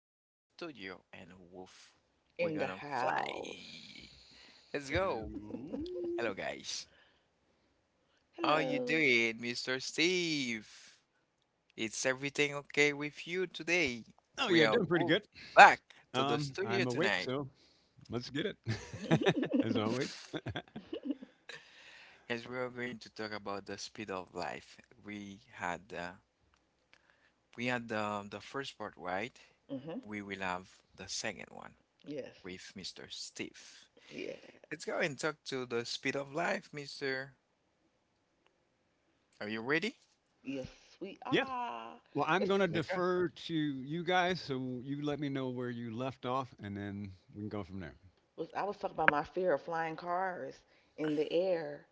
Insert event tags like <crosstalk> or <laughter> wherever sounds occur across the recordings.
on the studio and Wolf. We're in the gonna fly. house. Let's go. Hello. Hello, guys. How you Hello. doing, Mr. Steve? Is everything okay with you today? Oh We yeah, are doing pretty good. moved back to the I'm studio awake, tonight. so let's get <laughs> mhm. it. <laughs> As always. <laughs> Yes, we are going to talk about the speed of life. We had uh, we had the first part right. We will have the second one Yes. with Mr. Steve. Yeah. Let's go and talk to the speed of life, mister. Are you ready? Yes, we Yeah. are. Well, I'm This gonna Let's go. defer to you guys, so you let me know where you left off, and then we can go from there. was I was talking about my fear of flying cars in the air,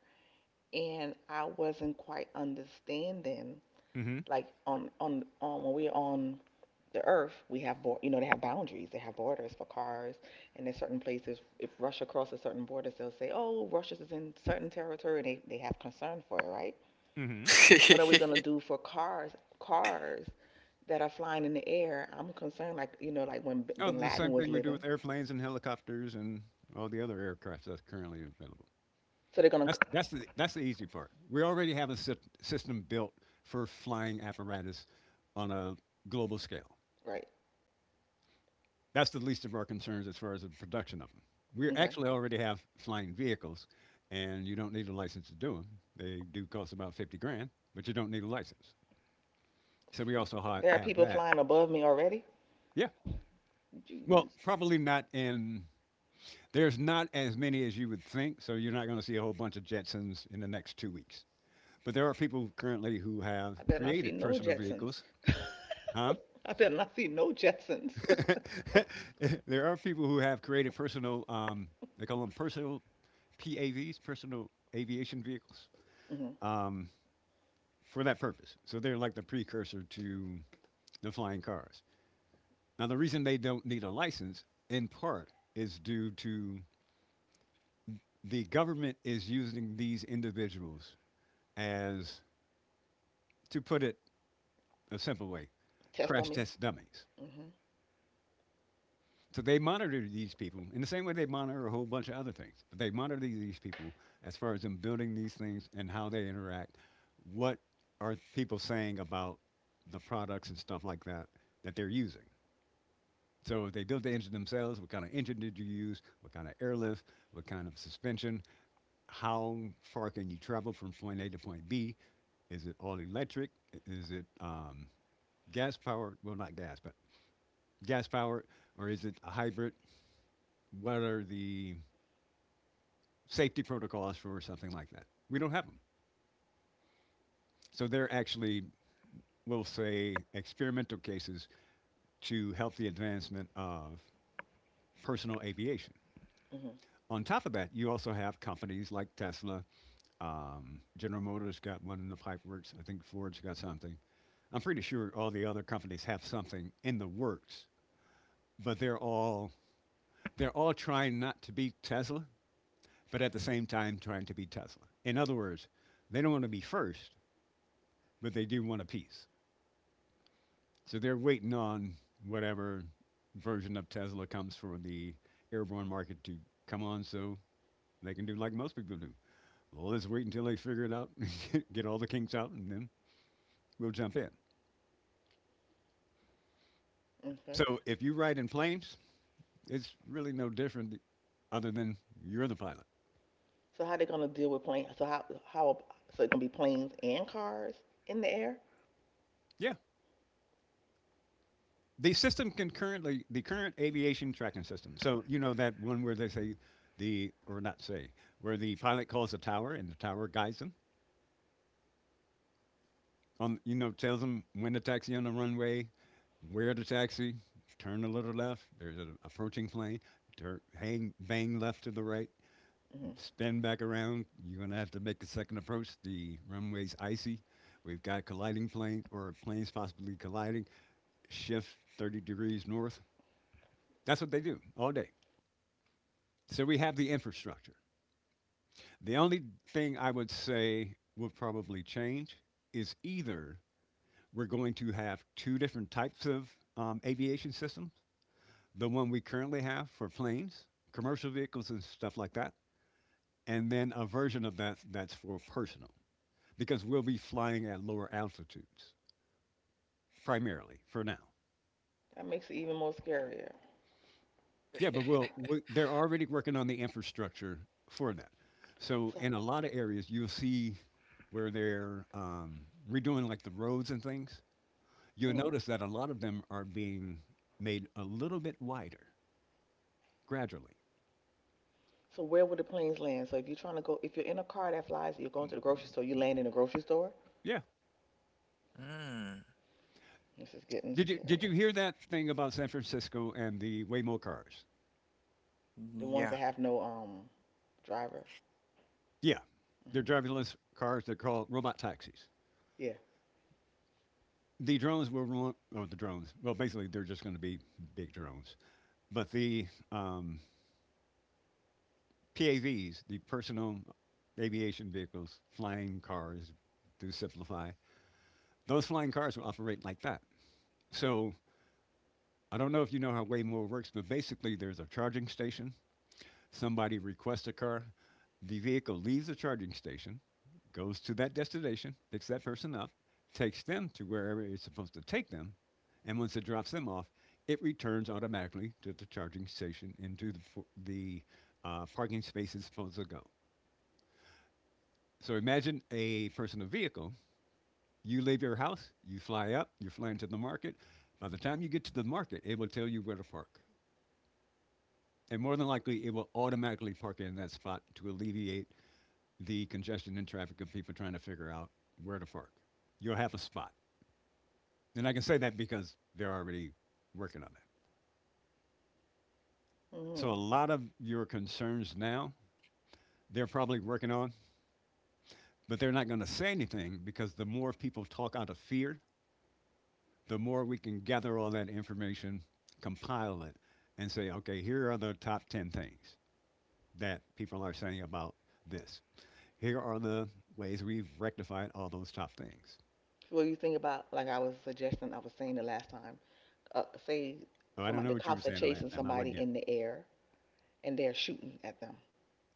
and I wasn't quite understanding. Mm-hmm. Like on when we were on the earth, we have, they have boundaries, they have borders for cars, and in certain places, if Russia crosses certain borders, they'll say, oh, Russia's is in certain territory, and they have concern for it, right? Mm-hmm. What are we gonna <laughs> do for cars that are flying in the air? I'm concerned, like when Oh, Bin the Laden same was thing we do living, with airplanes and helicopters and all the other aircraft that's currently available. so they're gonna, That's the easy part. We already have a system built for flying apparatus on a global scale. right, That's the least of our concerns as far as the production of them. We okay. actually already have flying vehicles, and you don't need a license to do them. They do cost about 50 grand, but you don't need a license. So we See, also there are have people that. flying above me already? Yeah. Well, Jeez, probably not in, there's not as many as you would think, so you're not going to see a whole bunch of Jetsons in the next 2 weeks. But there are people currently who I have better not see created no personal Jetsons. vehicles. Huh? I better not see no Jetsons. <laughs> There are people who have created personal, they call them personal PAVs, personal aviation vehicles, <laughs> hmm. um, for that purpose. So they're like the precursor to the flying cars. Now, the reason they don't need a license, in part, is due to the government is using these individuals as, to put it a simple way, Test crash dummies. test dummies. Hmm. So they monitor these people in the same way they monitor a whole bunch of other things. But they monitor these people as far as them building these things and how they interact. What are people saying about the products and stuff like that that they're using? So if they built the engine themselves, what kind of engine did you use? What kind of airlift? What kind of suspension? How far can you travel from point A to point B? Is it all electric? Is it gas powered? Well, not gas, but gas powered, or is it a hybrid? What are the safety protocols for something like that. We don't have them. So they're actually, we'll say, experimental cases to help the advancement of personal aviation. Hmm. On top of that, you also have companies like Tesla. General Motors got one in the pipeworks. I think Ford's got something. I'm pretty sure all the other companies have something in the works, but they're all trying not to be Tesla, but at the same time trying to be Tesla. In other words, they don't want to be first, but they do want a piece. So they're waiting on whatever version of Tesla comes for the airborne market to come on so they can do like most people do. Well, let's wait until they figure it out, <laughs> get all the kinks out, and then we'll jump in. Okay. So if you ride in planes, it's really no different other than you're the pilot. So how they gonna deal with planes? So how so it gonna be planes and cars in the air? Yeah. The system can currently, the current aviation tracking system. So, you know, that one where they say the, or not say, where the pilot calls the tower and the tower guides them on, you know, tells them when to taxi on the runway, where to taxi, turn a little left. There's an approaching plane. Hang bang left to the right, Hmm. spin back around. You're gonna have to make a second approach. The runway's icy. We've got colliding planes or planes possibly colliding. Shift 30 degrees north. That's what they do all day. So we have the infrastructure. The only thing I would say will probably change is either we're going to have two different types of aviation systems, the one we currently have for planes, commercial vehicles, and stuff like that, and then a version of that that's for personal because we'll be flying at lower altitudes primarily for now. That makes it even more scarier. Yeah, but they're already working on the infrastructure for that. So So in a lot of areas, you'll see where they're redoing like the roads and things. You'll mm. notice that a lot of them are being made a little bit wider gradually. So where would the planes land? So if you're trying to go, if you're in a car that flies, you're going to the grocery store. You land in a grocery store. Yeah. Hmm. This is getting Did you scary. hear that thing about San Francisco and the Waymo cars? The ones Yeah. that have no driver. Yeah, they're Hmm. driverless cars. They're called robot taxis. Yeah. The drones will run, or the drones. Well, basically, they're just going to be big drones. But the um, PAVs, the personal aviation vehicles, flying cars, to simplify, those flying cars will operate like that. So I don't know if you know how Waymo works, but basically, there's a charging station, somebody requests a car, the vehicle leaves the charging station, goes to that destination, picks that person up, takes them to wherever it's supposed to take them, and once it drops them off, it returns automatically to the charging station into the, the parking space it's supposed to go. So imagine a personal vehicle. You leave your house, you fly up, you're flying to the market. By the time you get to the market, it will tell you where to park. And more than likely, it will automatically park in that spot to alleviate the congestion and traffic of people trying to figure out where to park. You'll have a spot. And I can say that because they're already working on that. So a Hmm. lot of your concerns now, they're probably working on, but they're not going to say anything because the more people talk out of fear, the more we can gather all that information, compile it, and say, okay, here are the top 10 things that people are saying about this. Here are the ways we've rectified all those top things. So what you think about? Like I was saying the last time. Say Oh, I don't somebody know the what you were cops are saying the last chasing time. I somebody wasn't there. in the air and they're shooting at them.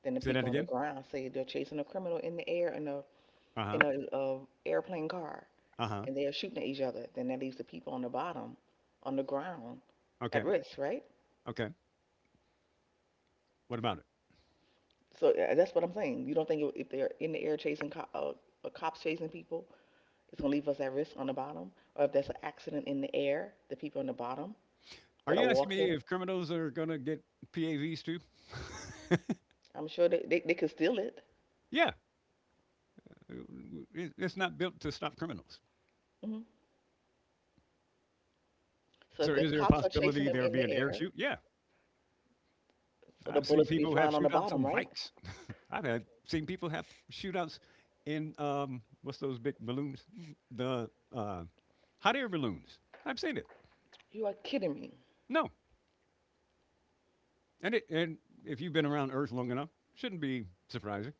Than the Say that people on the again. ground say they're chasing a criminal in the air in a Uh huh. in a airplane car Uh huh. and they are shooting at each other. Then that leaves the people on the bottom, on the ground, Okay. at risk, right? Okay. What about it? So that's what I'm saying. You don't think if they're in the air chasing cops chasing people, it's gonna leave us at risk on the bottom, or if there's an accident in the air, the people on the bottom Are that are you asking me walking, if criminals are going to get PAVs too? I'm sure they could steal it. Yeah. Uh, it- It's not built to stop criminals. Hmm. So So if the is there a cops are chasing possibility them there in be the an air air, shoot? Yeah. so the I've seen bullets will be people have flying on the shootouts bottom, on right? bikes. <laughs> I've had seen people have shootouts in what's those big balloons? The hot air balloons. I've seen it. You are kidding me. No. And if you've been around Earth long enough, shouldn't be surprising.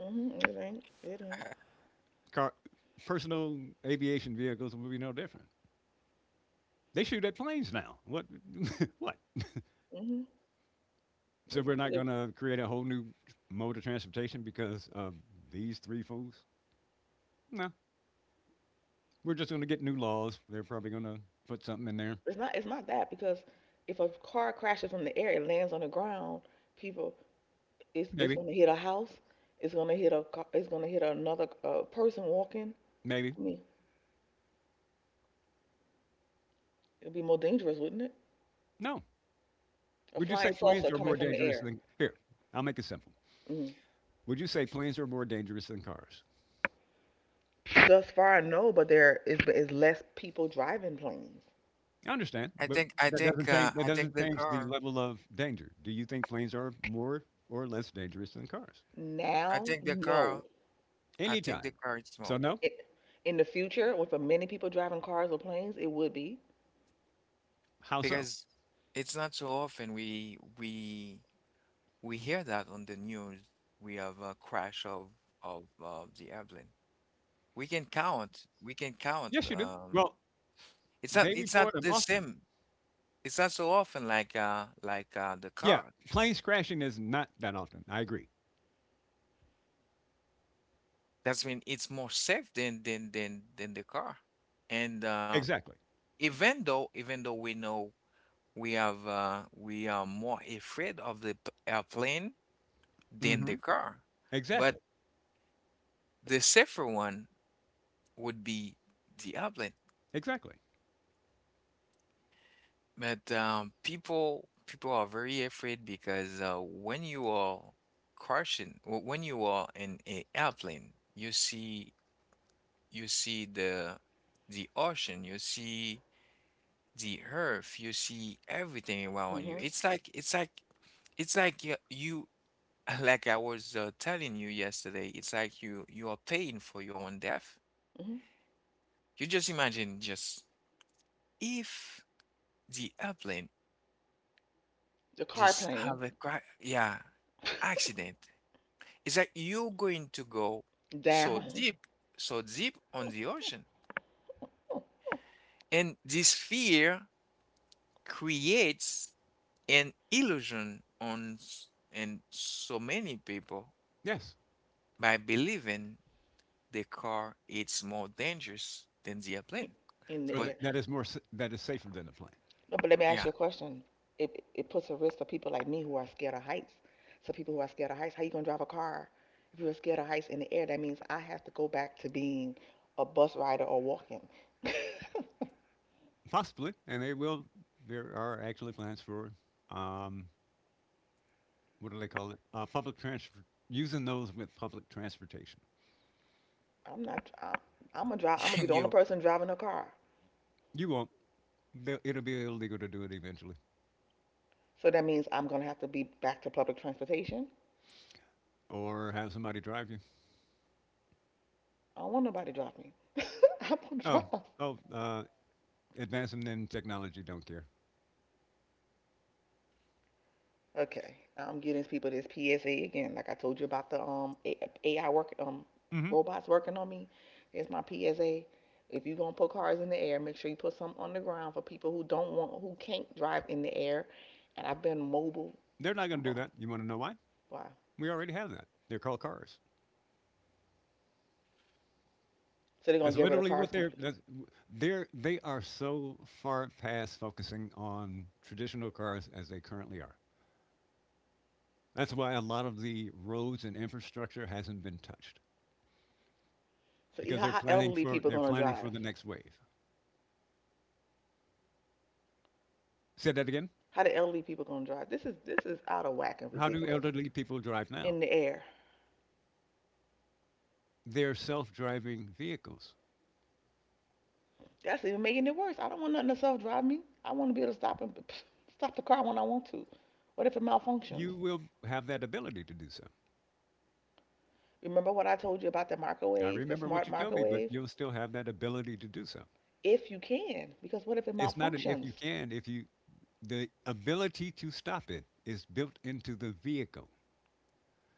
Mm-hmm. It ain't. It ain't. <laughs> Car, personal aviation vehicles will be no different. They shoot at planes now. What? <laughs> What? Hmm. So It's we're not either going to create a whole new mode of transportation because of these three fools? No. We're just going to get new laws. They're probably going to put something in there. it's not that because if a car crashes from the air, it lands on the ground. People, it's Maybe. gonna hit a house. It's gonna hit a car. It's gonna hit another person walking. Maybe. I mean, it'd be more dangerous, wouldn't it? No. A Would you say flying planes saucer are coming more from the dangerous air. than. Here, I'll make it simple. Mm. Would you say planes are more dangerous than cars? Thus far, no, but there is less people driving planes I understand, I but think I that doesn't think change. uh, That I think doesn't the change the car. level of danger. Do you think planes are more or less dangerous than cars? I now. think the No, car. I think the Anytime. car is So more, no. it, in the future, with the many people driving cars or planes, it would be. How so? because it's not so often we hear that on the news. We have a crash of the airplane. We can count. We can count. Yes, you do. Um, Well, it's not. they It's not report them the often. same. It's not so often like the Yeah, car. planes crashing is not that often. I agree. That's mean it's more safe than the car. And Exactly. even though we know we are more afraid of the airplane than Hmm. the car, but Exactly. the safer one would be the airplane. Exactly. But people are very afraid because when you are crashing when you are in a airplane, you see the ocean, you see the earth, you see everything around you. Hmm. It's like you <laughs> like I was telling you yesterday. It's like you are paying for your own death. Hmm. You just imagine just if the airplane The car just plane have a cra yeah accident. It's like you're going to go <laughs> so down. deep, so deep on the ocean, and this fear creates an illusion and so many people Yes. by believing the car is more dangerous than the airplane. In the Or But that, air. that is more that is safer than the plane, No, but let me ask yeah, you a question. It puts a risk for people like me who are scared of heights. So people who are scared of heights, how you gonna drive a car if you're scared of heights in the air? That means I have to go back to being a bus rider or walking. <laughs> possibly. And they will. There are actually plans for um, what do they call it? Public transfer using those with public transportation. I'm not. I'm gonna drive. I'm gonna be <laughs> the only you person driving a car. You won't. They'll, it'll be illegal to do it eventually, So that means I'm gonna have to be back to public transportation. or have somebody drive you. I don't want nobody to drive me. <laughs> I want to Oh, drive my. oh. Advancing in technology don't care. Okay, I'm getting people this PSA again. Like I told you about the AI work, Hmm. robots working on me. Here's my PSA. If you're gonna put cars in the air, make sure you put some on the ground for people who don't want, who can't drive in the air. And I've been mobile. They're not going to do mo- that. You want to know why? Why? We already have that. They're called cars. So they're gonna That's get rid of literally cars what they're. completely. That's, they're they are so far past focusing on traditional cars as they currently are. That's why a lot of the roads and infrastructure hasn't been touched So yeah, because how they're how planning elderly for people they're gonna planning for drive? the next wave. Say that again. How the elderly people gonna drive? This is out of whack and How do ridiculous elderly people drive now? in the air. They're self-driving vehicles. That's even making it worse. I don't want nothing to self drive me. I want to be able to stop and stop the car when I want to. What if it malfunctions? You will have that ability to do so. Remember what I told you about the I microwaves, the remember what smart you told me, but microwaves? you'll still have that ability to do so. If you can, because what if it It's not an if malfunctions? you can, if you the ability to stop it is built into the vehicle.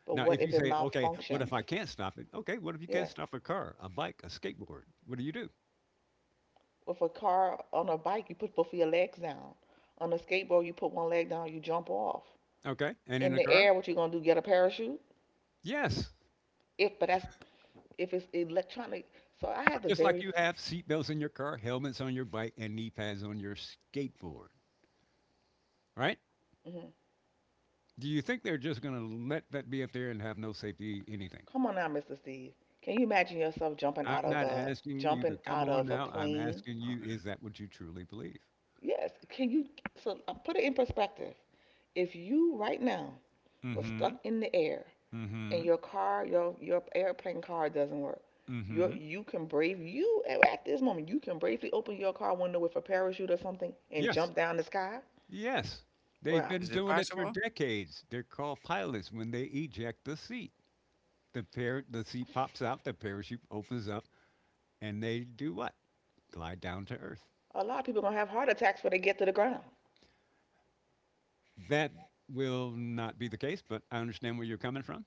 But Now, what if you if it say, okay, what if malfunctions? I can't stop it? Okay, what if you can't Yeah. stop a car, a bike, a skateboard? What do you do? With a car on a bike, you put both of your legs down. On a skateboard, you put one leg down, you jump off. Okay, and in In the the car? air, what you gonna do? Get a parachute? Yes. If but that's if it's electronic. So I had to Just like very. you have seatbelts in your car, helmets on your bike, and knee pads on your skateboard, right? Mhm. Do you think they're just going to let that be up there and have no safety anything? Come on now, Mr. Steve. Can you imagine yourself I'm not asking you to jumping come out on of a now. I'm plane? asking you, uh, is that what you truly believe? Yes. Can you so put it in perspective? If you right now Mm was hmm. stuck in the air Mm and hmm. your car, your airplane car doesn't work, Mm you hmm. you can brave you at this moment you can bravely open your car window with a parachute or something and Yes. jump down the sky. Yes, they've Well, been is it doing it for possible? decades. They're called pilots when they eject the seat. The seat pops out, the parachute opens up, and they do what? Glide down to earth. a lot of people are gonna have heart attacks when they get to the ground. That will not be the case, but I understand where you're coming from.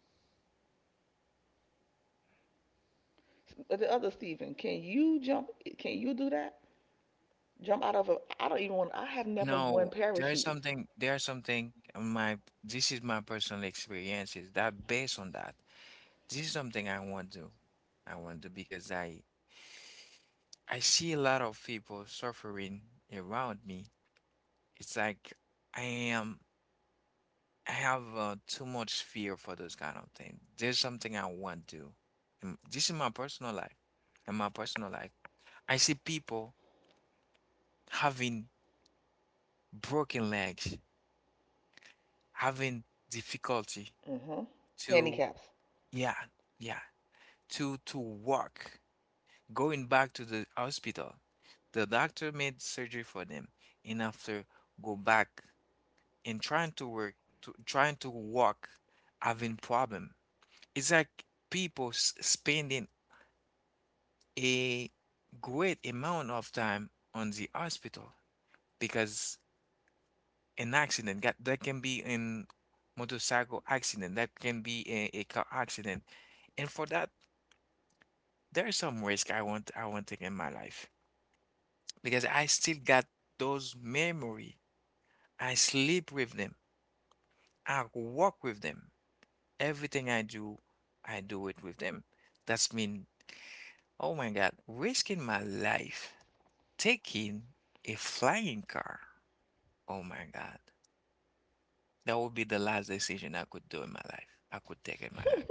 But the other Stephen, can you jump? Can you do that? Jump out of a. I don't even want. I have never won No, there's parachutes. something. There's something. My This is my personal experiences that based on that. This is something I want to. I want to, because I see a lot of people suffering around me. It's like I am. I have too much fear for those kind of things. There's something I want to. This is my personal life. In my personal life, I see people having broken legs, having difficulty Mm hmm. to, Handicaps. yeah, yeah, to walk, going back to the hospital. The doctor made surgery for them, and after go back and trying to work, trying to walk, having problem. It's like people spending a great amount of time on the hospital because an accident that can be in motorcycle accident that can be a car accident. And for that, there's some risk I want to take in my life, because I still got those memory. I sleep with them, I walk with them, everything I do I do it with them. That's mean, oh my God, risking my life taking a flying car. Oh my God. That would be the last decision I could do in my life. I could take in my life.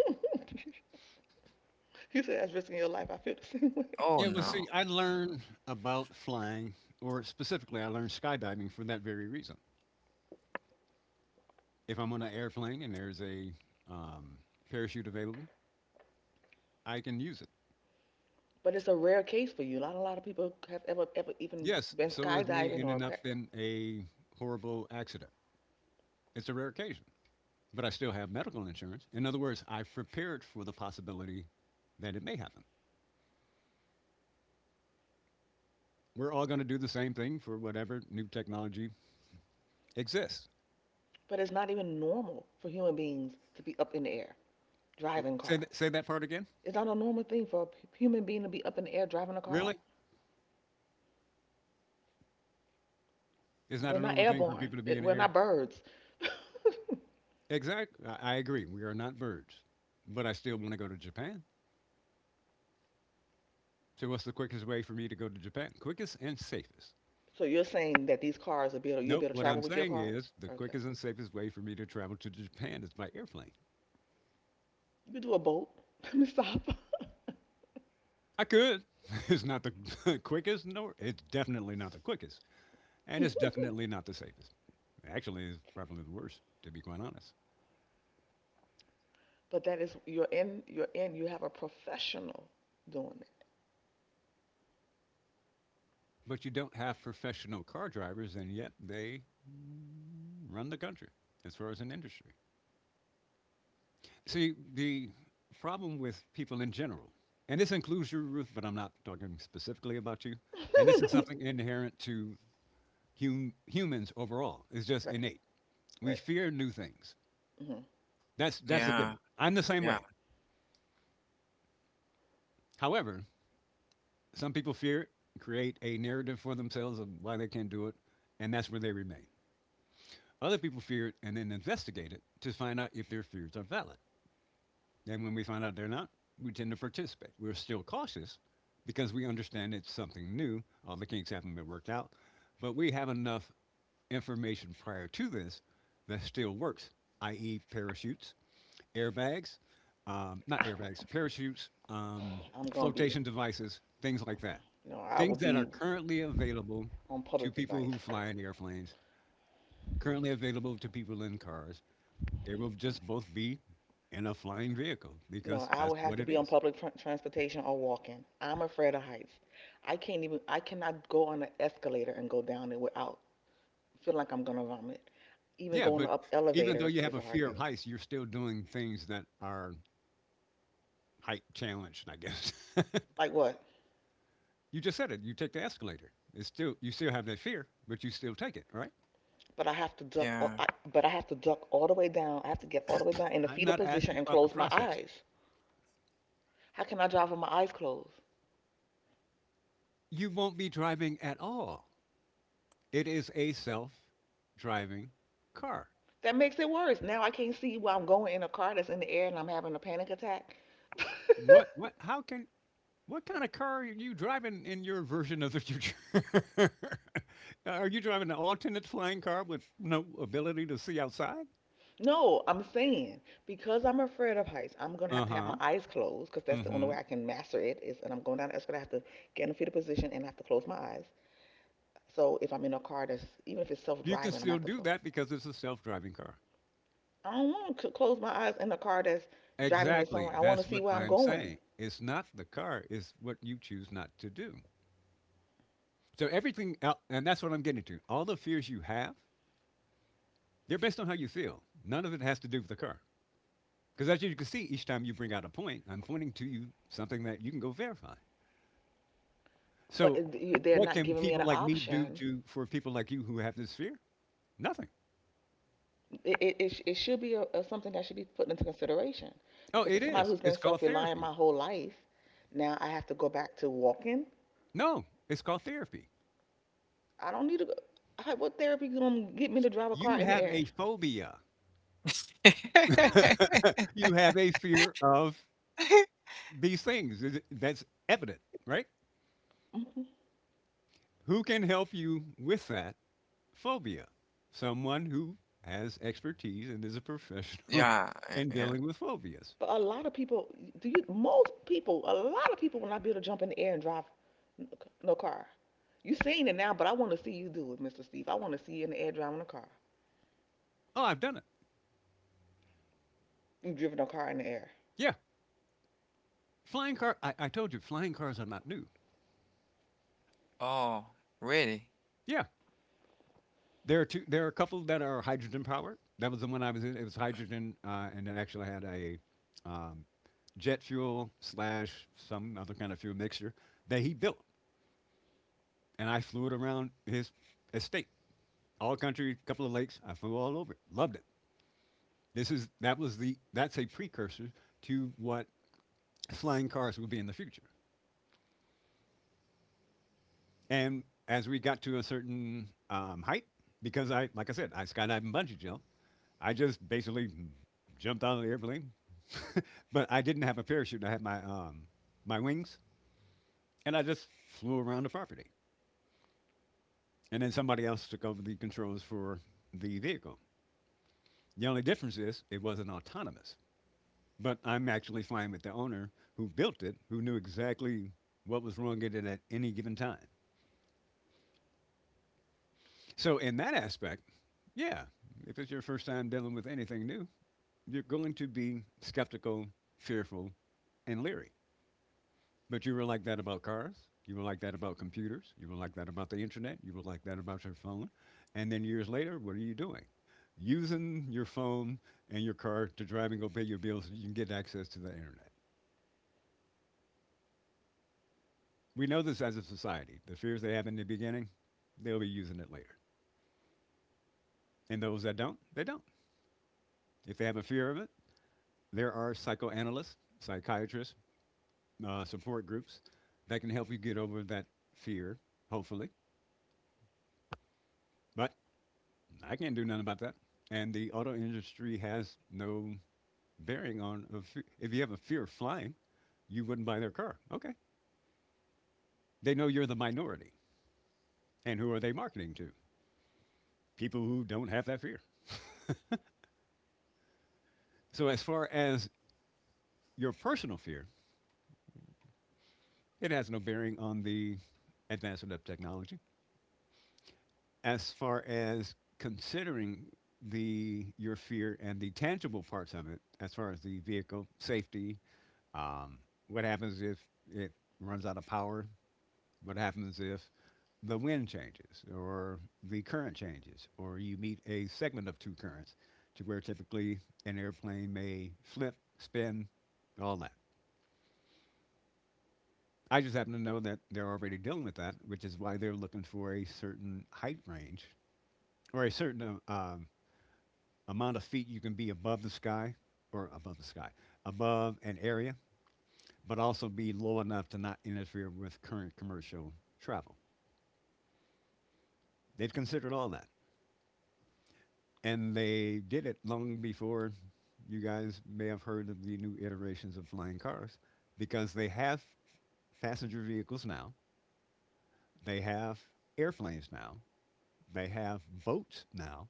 You said that's risking your life. I feel the same way. Oh Yeah, well, no. see, I Mm, learned about flying, or specifically, I learned skydiving for that very reason. If I'm on an airplane and there's a um, parachute available, I can use it. But it's a rare case for you. Not a lot of people have ever, ever even Yes, been so is me skydiving or. ending up in a horrible accident. It's a rare occasion, but I still have medical insurance. In other words, I've prepared for the possibility that it may happen. We're all going to do the same thing for whatever new technology exists. But it's not even normal for human beings to be up in the air driving Say, cars. Say that part again. It's not a normal thing for a human being to be up in the air driving a Really? car. It's not We're a not normal thing for airborne. people to be in the We're air? not birds. <laughs> Exactly. I agree. We are not birds, but I still want to go to Japan. So, what's the quickest way for me to go to Japan? Quickest and safest. So you're saying that these cars are be able, you'll No, be able to what travel I'm with your saying car? is the Okay. quickest and safest way for me to travel to Japan is by airplane. You could do a boat. <laughs> Let me stop. I could. <laughs> It's not the <laughs> quickest, nor it's definitely not the quickest, and it's definitely not the safest. Actually, it's probably the worst, to be quite honest. But that is you have a professional doing But you don't have professional car drivers, and yet they run the country as far as an industry. See, the problem with people in general, and this includes you, Ruth, but I'm not talking specifically about you, and this is it. something inherent to humans overall, it's <laughs> just Right, innate. We right. fear new things. Hmm. That's a yeah, given. I'm the same yeah, way. However, some people fear it, create a narrative for themselves of why they can't do it, and that's where they remain. Other people fear it and then investigate it to find out if their fears are valid. And when we find out they're not, we tend to participate. We're still cautious because we understand it's something new. All the kinks haven't been worked out, but we have enough information prior to this that still works, i.e., parachutes, airbags, not airbags, parachutes, I'm gonna be, flotation devices, things like that. no, I Things would that are be currently available on to public people device. who fly in airplanes, currently available to people in cars. They will just both be in a flying vehicle No, because I that's would have what to it be on is. public transportation or walking. I'm afraid of heights. I can't even, I cannot go on an escalator and go down it without feeling like I'm gonna vomit. Even Yeah, going but up even though elevators you have is a a hard fear of thing. heights, you're still doing things that are height challenged, I guess. <laughs> Like what? You just said it. You take the escalator. It's still you still have that fear, but you still take it, right? But I have to duck. Yeah. But I have to duck all the way down. I have to get all the way down in the I'm fetal not position asking and about the close my process. eyes. How can I drive with my eyes closed? You won't be driving at all. It is a self-driving car. That makes it worse. Now I can't see where I'm going in a car that's in the air and I'm having a panic attack. <laughs> What how can what kind of car are you driving in your version of the future? <laughs> Are you driving an alternate flying car with no ability to see outside? No, I'm saying because I'm afraid of heights, I'm gonna have to have my Uh-huh. eyes closed because that's the only way Mhm. I can master it is, and I'm going down the escalator. I have to get in a fetal position and I have to close my eyes. So if I'm in a car that's even if it's You can self-driving, I'm gonna still have to do close. that because it's a self-driving car. I don't want to close my eyes in a car that's driving me Exactly. somewhere. I want That's to see what where I'm I'm going, saying. It's not the car, it's what you choose not to do. So everything el and that's what I'm getting to. All the fears you have, they're based on how you feel. None of it has to do with the car. Because as you can see, each time you bring out a point, I'm pointing to you something that you can go verify. but So, they're what not can giving me an people like me do option. to for people like you who have this fear? Nothing. It should be a something that should be put into consideration Oh, because it as somebody is. who's been It's called self-reliant my therapy. whole life, now I have to go back to walking. No, it's called therapy. I don't need to go. What therapy going to get me to drive a car You in the have air? a phobia. <laughs> You have a fear of these things. That's evident, right? Hmm. Who can help you with that? Phobia, someone who has expertise and is a professional Yeah, <laughs> in yeah. dealing with phobias. But a lot of people, do you, most people, a lot of people will not be able to jump in the air and drive no car. You are seen it now, but I want to see you do it, Mr. Steve. I want to see you in the air driving a car. Oh, I've done it. You've driven a car in the air? Yeah. Flying car, I told you, flying cars are not new. Oh, really? Yeah. There are a couple that are hydrogen powered. That was the one I was in. It was hydrogen, and it actually had a um, jet fuel slash some other kind of fuel mixture that he built. And I flew it around his estate, all country, couple of lakes. I flew all over it. Loved it. This is that was the that's a precursor to what flying cars will be in the future. And as we got to a certain height, because I, like I said, I skydive and bungee jump, I just basically jumped out of the airplane. <laughs> But I didn't have a parachute. I had my my wings, and I just flew around the property. And then somebody else took over the controls for the vehicle. The only difference is it wasn't autonomous. But I'm actually flying with the owner who built it, who knew exactly what was wrong with it at any given time. So, in that aspect, yeah, if it's your first time dealing with anything new, you're going to be skeptical, fearful, and leery. But you were like that about cars. You were like that about computers. You were like that about the internet. You were like that about your phone. And then years later, what are you doing? Using your phone and your car to drive and go pay your bills so you can get access to the internet. We know this as a society. The fears they have in the beginning, they'll be using it later. And those that don't, they don't. If they have a fear of it, there are psychoanalysts, psychiatrists, support groups that can help you get over that fear, hopefully. But I can't do nothing about that. And the auto industry has no bearing on a if you have a fear of flying, you wouldn't buy their car. Okay. They know you're the minority. And who are they marketing to? People who don't have that fear. So as far as your personal fear, it has no bearing on the advancement of technology. As far as considering the your fear and the tangible parts of it, as far as the vehicle safety, um, what happens if it runs out of power? What happens if the wind changes or the current changes, or you meet a segment of two currents, to where typically an airplane may flip, spin, all that. I just happen to know that they're already dealing with that, which is why they're looking for a certain height range or a certain amount of feet you can be above the sky or above the sky, above an area, but also be low enough to not interfere with current commercial travel. They've considered all that. And they did it long before you guys may have heard of the new iterations of flying cars because they have passenger vehicles now, they have airplanes now, they have boats now,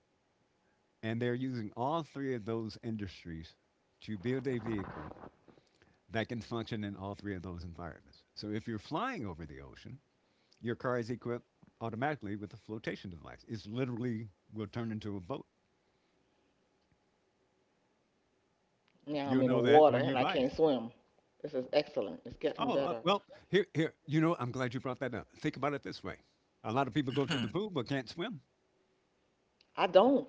and they're using all three of those industries to build a vehicle that can function in all three of those environments. So if you're flying over the ocean, your car is equipped automatically with a flotation device. It's literally will turn into a boat. Now I'm You'll in the know that water when and you I buy can't it. swim. This is excellent. It's getting Oh, better. well, here. You know, I'm glad you brought that up. Think about it this way: a lot of people go to the pool <laughs> but can't swim. I don't.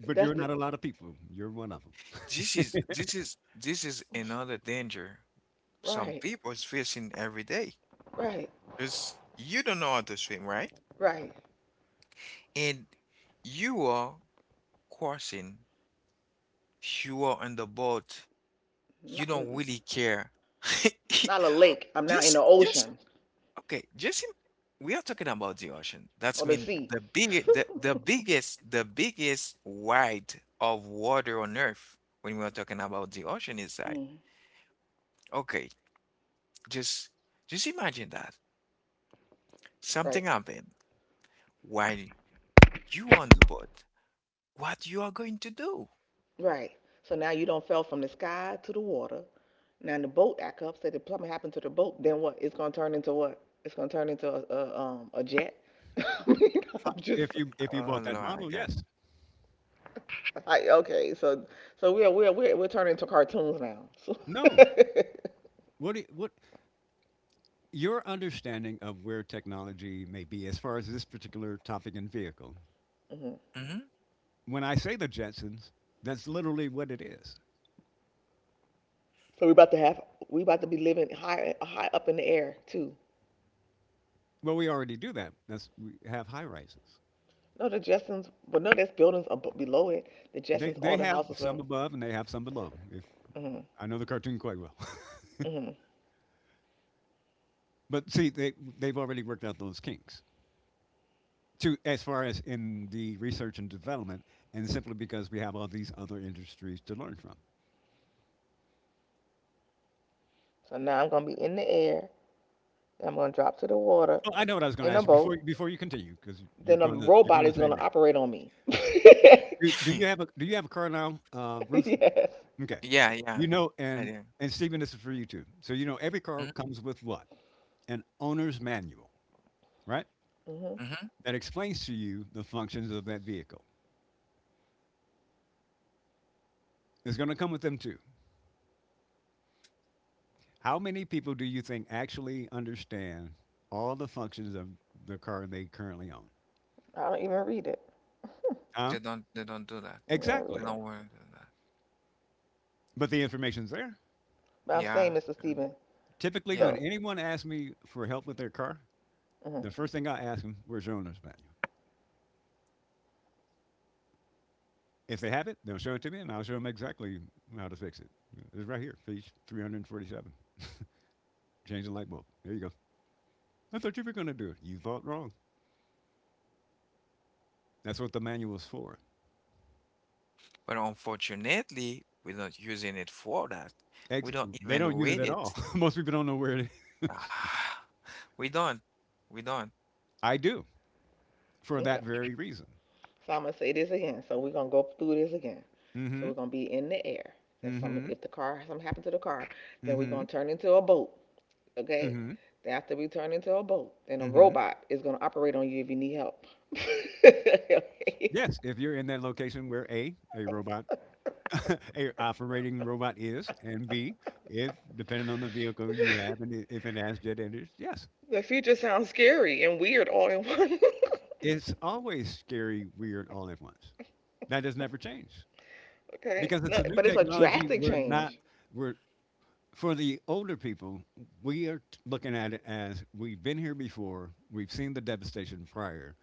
But That's you're the. not a lot of people. You're one of them. This is another danger some Right, people is facing every day. right, Because you don't know how to swim, right? right. And you are crossing, you are on the boat, you Not, don't mm-mm. really care. <laughs> Not a lake. I'm now in the just ocean Okay, just im we are talking about the ocean. That's or the mean sea. the big, the, <laughs> the biggest the biggest wide of water on earth. When we are talking about the ocean, is like, Mm, okay, just just imagine that something right, happened while you on the boat. What you are going to do? right. So now you don't fell from the sky to the water. Now the boat act up. Say the plummet happened to the boat. Then what? It's gonna turn into what? It's gonna turn into a jet. <laughs> I mean, I'm just If you Oh bought that my model, God. yes. like okay. So we're turning into cartoons now. So <laughs> No. What your understanding of where technology may be as far as this particular topic and vehicle, Mhm. Mm-hmm. when I say the Jetsons, that's literally what it is. So we about to be living high high up in the air too. Well, we already do that. That's we have high rises. No, the Jetsons, but no, there's buildings up below it. The Jetsons, They all the have houses were. some above and they have some below. If Hmm. I know the cartoon quite well, Hmm. <laughs> but see they they've already worked out those kinks. To as far as in the research and development, and simply because we have all these other industries to learn from. So now I'm gonna be in the air. I'm gonna drop to the water Oh, I know what I was going to in a ask you boat. Before you continue because Then a you're robot going the is same gonna rate. operate on me. <laughs> Do you have a <laughs> do you have a car now, Ruth? Yes. Okay. Yeah, yeah. You know, I do. and Stephen, this is for you too. So you know, every car Mm-hmm. comes with what? An owner's manual, right? Hmm. Mm-hmm. That explains to you the functions of that vehicle. It's going to come with them too. How many people do you think actually understand all the functions of the car they currently own? I don't even read it. Huh? They don't do that. You don't They read Exactly. don't it. want to do that. But the information's there. But I'm Yeah. saying, Mr. Mhm, Stephen. Typically, when yeah. So, anyone asks me for help with their car, the hmm first thing I ask them, "Where's your owner's manual?" If they have it, they'll show it to me, and I'll show them exactly how to fix it. It's right here, page 347. Change the light bulb. There you go. I thought you were going to do it. You thought wrong. That's what the manual's for. But unfortunately, we're not using it for that. We Ex- don't they even don't use it read at all. it. <laughs> Most people don't know where it is. <sighs> Ah, we don't. We don't. I do for that okay. very reason. So I'm gonna say this again. So we're gonna go through this again. So Mm-hmm. we're gonna be in the air. Then Mm-hmm. if the car, something happened to the car, then we're Mm-hmm. gonna turn into a boat. Okay? Mm-hmm. They have to be turned into a boat. And a Mm-hmm. robot is going to operate on you if you need help. <laughs> Okay, Yes, if you're in that location where A, a robot, <laughs> a operating robot is, and B, if depending on the vehicle you have and if it has jet engines, yes. the future sounds scary and weird all in one. It's always scary, weird, all at once. That has never changed <laughs> Okay? because it's No, a new but it's a technology. drastic We're not, change. we're, for the older people, we are looking at it as we've been here before, we've seen the devastation prior,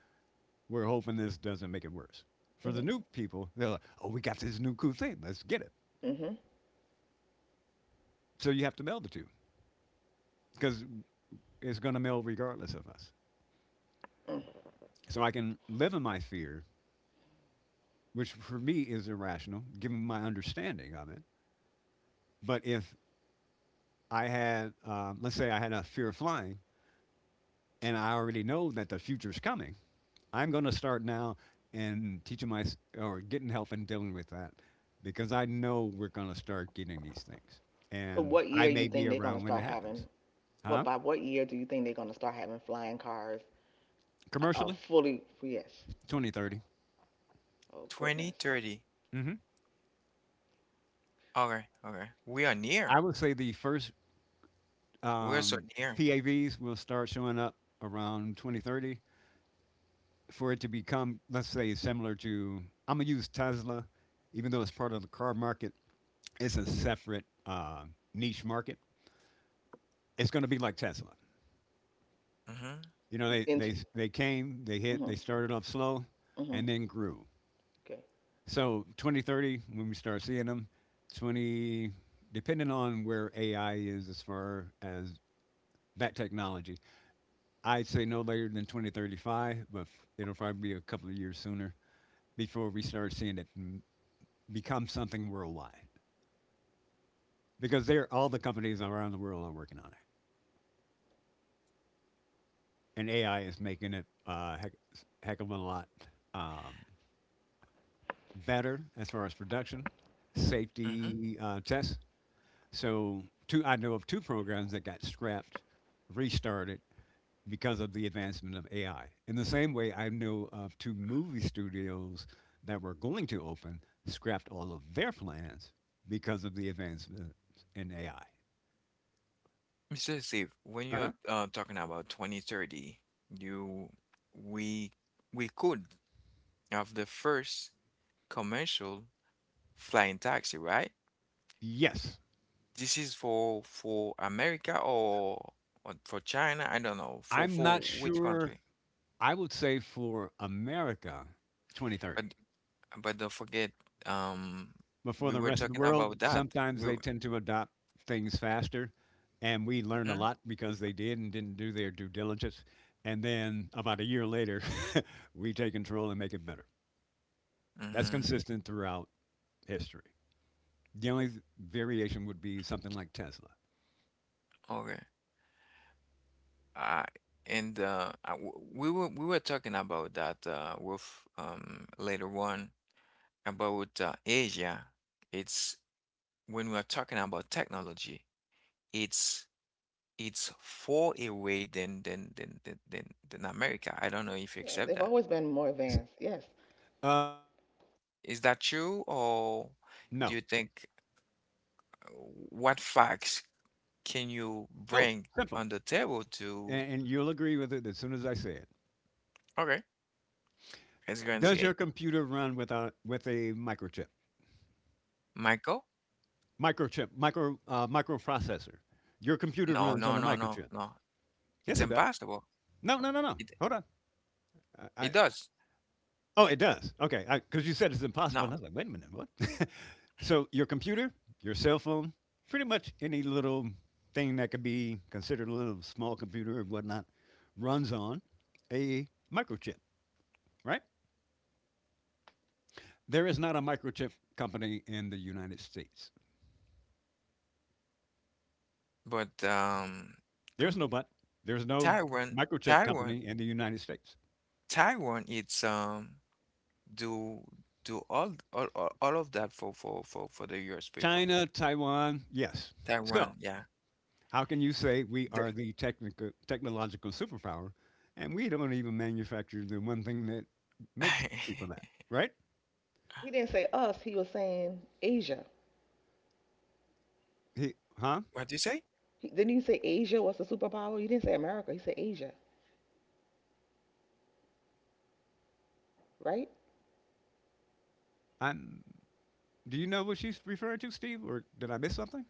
we're hoping this doesn't make it worse. For the Hmm. new people, they're like, oh, we got this new cool thing, let's get it. Hmm. So you have to meld the two because it's going to meld regardless of us. Mm. So I can live in my fear, which for me is irrational, given my understanding of it. But if I had, let's say I had a fear of flying, and I already know that the future's coming, I'm going to start now and teaching my or getting help and dealing with that because I know we're going to start getting these things, So and what year I you may think be they're gonna around when it start having? happens, What huh? By what year do you think they're gonna start having flying cars? Uh, uh Commercially, fully yes. 2030. Oh twenty, goodness. thirty. Hmm. Okay, okay. We are near. I would say the first We are so um, near. PAVs will start showing up around 2030 for it to become, let's say, similar to. I'm gonna use Tesla, even though it's part of the car market. It's a separate niche market. It's going to be like Tesla. Mm-hmm. You know, they, Mm-hmm, they, they came, they hit, they started off slow, mm-hmm. and then grew. Okay. So 2030, when we start seeing them, 20, depending on where AI is as far as that technology, I'd say no later than 2035, but it'll probably be a couple of years sooner before we start seeing it become something worldwide. Because all the companies around the world are working on it. And AI is making it heck, heck of a lot um, better as far as production, Mm-hmm. safety tests. So, two I know of two programs that got scrapped, restarted because of the advancement of AI. In the same way, I know of two movie studios that were going to open scrapped all of their plans because of the advancement in AI. Mr. Steve, when Uh-huh. you're talking about 2030, you we we could have the first commercial flying taxi, right? Yes, This is for America, or for China, I don't know. For I'm not for which sure. country? I would say for America, 2030. But but don't forget, um, Before we the were rest of the talking world. about that. Sometimes We they tend to adopt things faster, and we learn a Mm-hmm, lot because they did and didn't do their due diligence. And then about a year later, <laughs> we take control and make it better. That's mm-hmm, consistent throughout history. The only variation would be something like Tesla. okay. Uh, and I w we were talking about that with later on about Asia. It's, when we are talking about technology, it's it's far away than America. I don't know if you Yeah, accept they've that. always been more S- advanced. Yes. Uh, Is that true, or do no. you think, what facts can you Oh, bring simple. on the table to And you'll agree with it as soon as I say it. okay, let's go and see Does it. your computer run with a microchip? Michael. Microchip, micro microprocessor. Your computer No, runs no, on a no, no, microchip. no, Yes, it's it does. impossible. No, no, no, no. it Hold on. It I does. oh, it does. Okay, because you said it's impossible, No, and I was like, wait a minute, what? <laughs> So your computer, your cell phone, pretty much any little thing that could be considered a little small computer or whatnot, runs on a microchip, right? There is not a microchip company in the United States. but There's come. no but. There's no taiwan microchip taiwan company in the United States. taiwan it's do do all of that for the US people. China, Taiwan, yes. So Taiwan, yeah. how can you say we The- are the technical, technological superpower and we don't even manufacture the one thing that makes people that, <laughs> right? He didn't say us. He was saying Asia. He, huh? what do you say? Didn't you say Asia was the superpower? You didn't say America. He said Asia, Yeah, Asia, it's the superpower on on right? on term of technology. I'm, do you know what she's referring to, Steve, or did I miss something?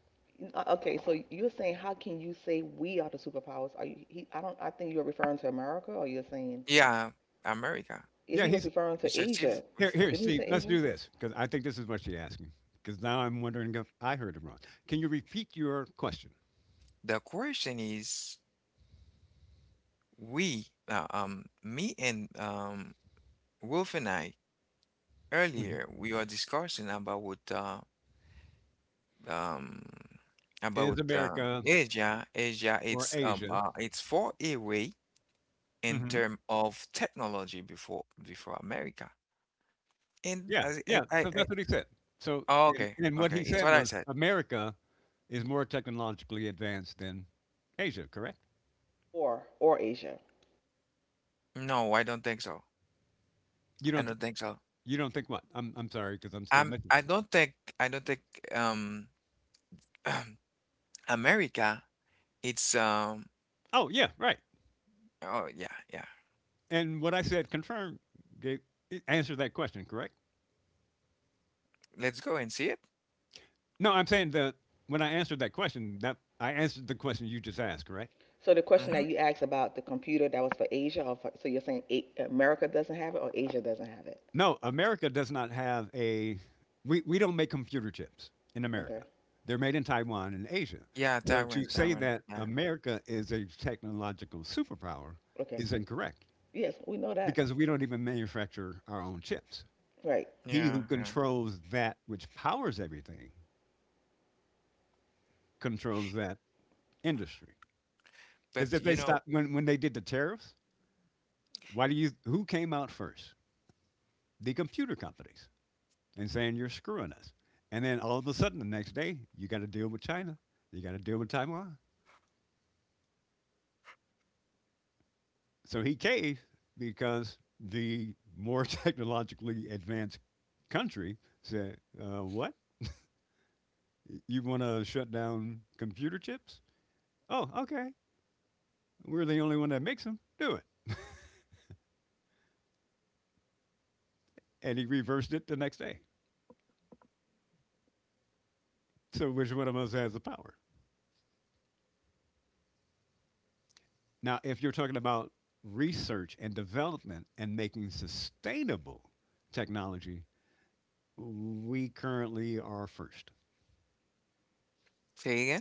Okay, so you're saying, how can you say we are the superpowers? Are you? He, I don't. I think you're referring to America, or you're saying, Yeah. America. yeah, Yeah, he was he's referring You to said see if. Asia. here. Here, Didn't he Steve. say Let's Asia, do this because I think this is what she's asking. Because now I'm wondering if I heard it wrong. Can you repeat your question? The question is, me and Wolf and I Mhm. earlier we were discussing um, about Is um, America Asia. Asia, or it's um, Asia? uh, it's far away in Hmm. term of technology before America. And Yeah, as yeah. I, I, So I, that's what he said. So oh, and, okay, and what he okay, it's said what I was said. America is more technologically advanced than Asia, correct? or Asia? No, I don't think so. You I don't th- don't think so. you don't think what? I'm sorry because I'm still missing I something. don't think. Um. <clears throat> America. It's, Oh yeah, right. oh, yeah, yeah. And what I said confirmed gave, it answered that question, correct? Let's go and see it. No, I'm saying that when I answered that question, that I answered the question you just asked, correct? So the question that Mhm. you asked about the computer, that was for Asia, or for, so you're saying America doesn't have it or Asia doesn't have it? No, America does not have a we don't make computer chips in America. Okay. They're made in Taiwan and Asia. Yeah, So Taiwan, to say Taiwan. that Yeah. America is a technological superpower Okay. is incorrect, Yes, we know that. because we don't even manufacture our own chips. Right. He Yeah, who yeah. controls that which powers everything controls that industry. Because But, if they stop when they did the tariffs, why do you who came out first? The computer companies and saying you're screwing us. And then all of a sudden the next day you got to deal with China, you got to deal with Taiwan. So he caved because the more <laughs> technologically advanced country said, "What? You want to shut down computer chips? Oh, okay. We're the only one that makes them. Do it. And he reversed it the next day. So which one of us has the power? Now, if you're talking about research and development and making sustainable technology, we currently are first. say again?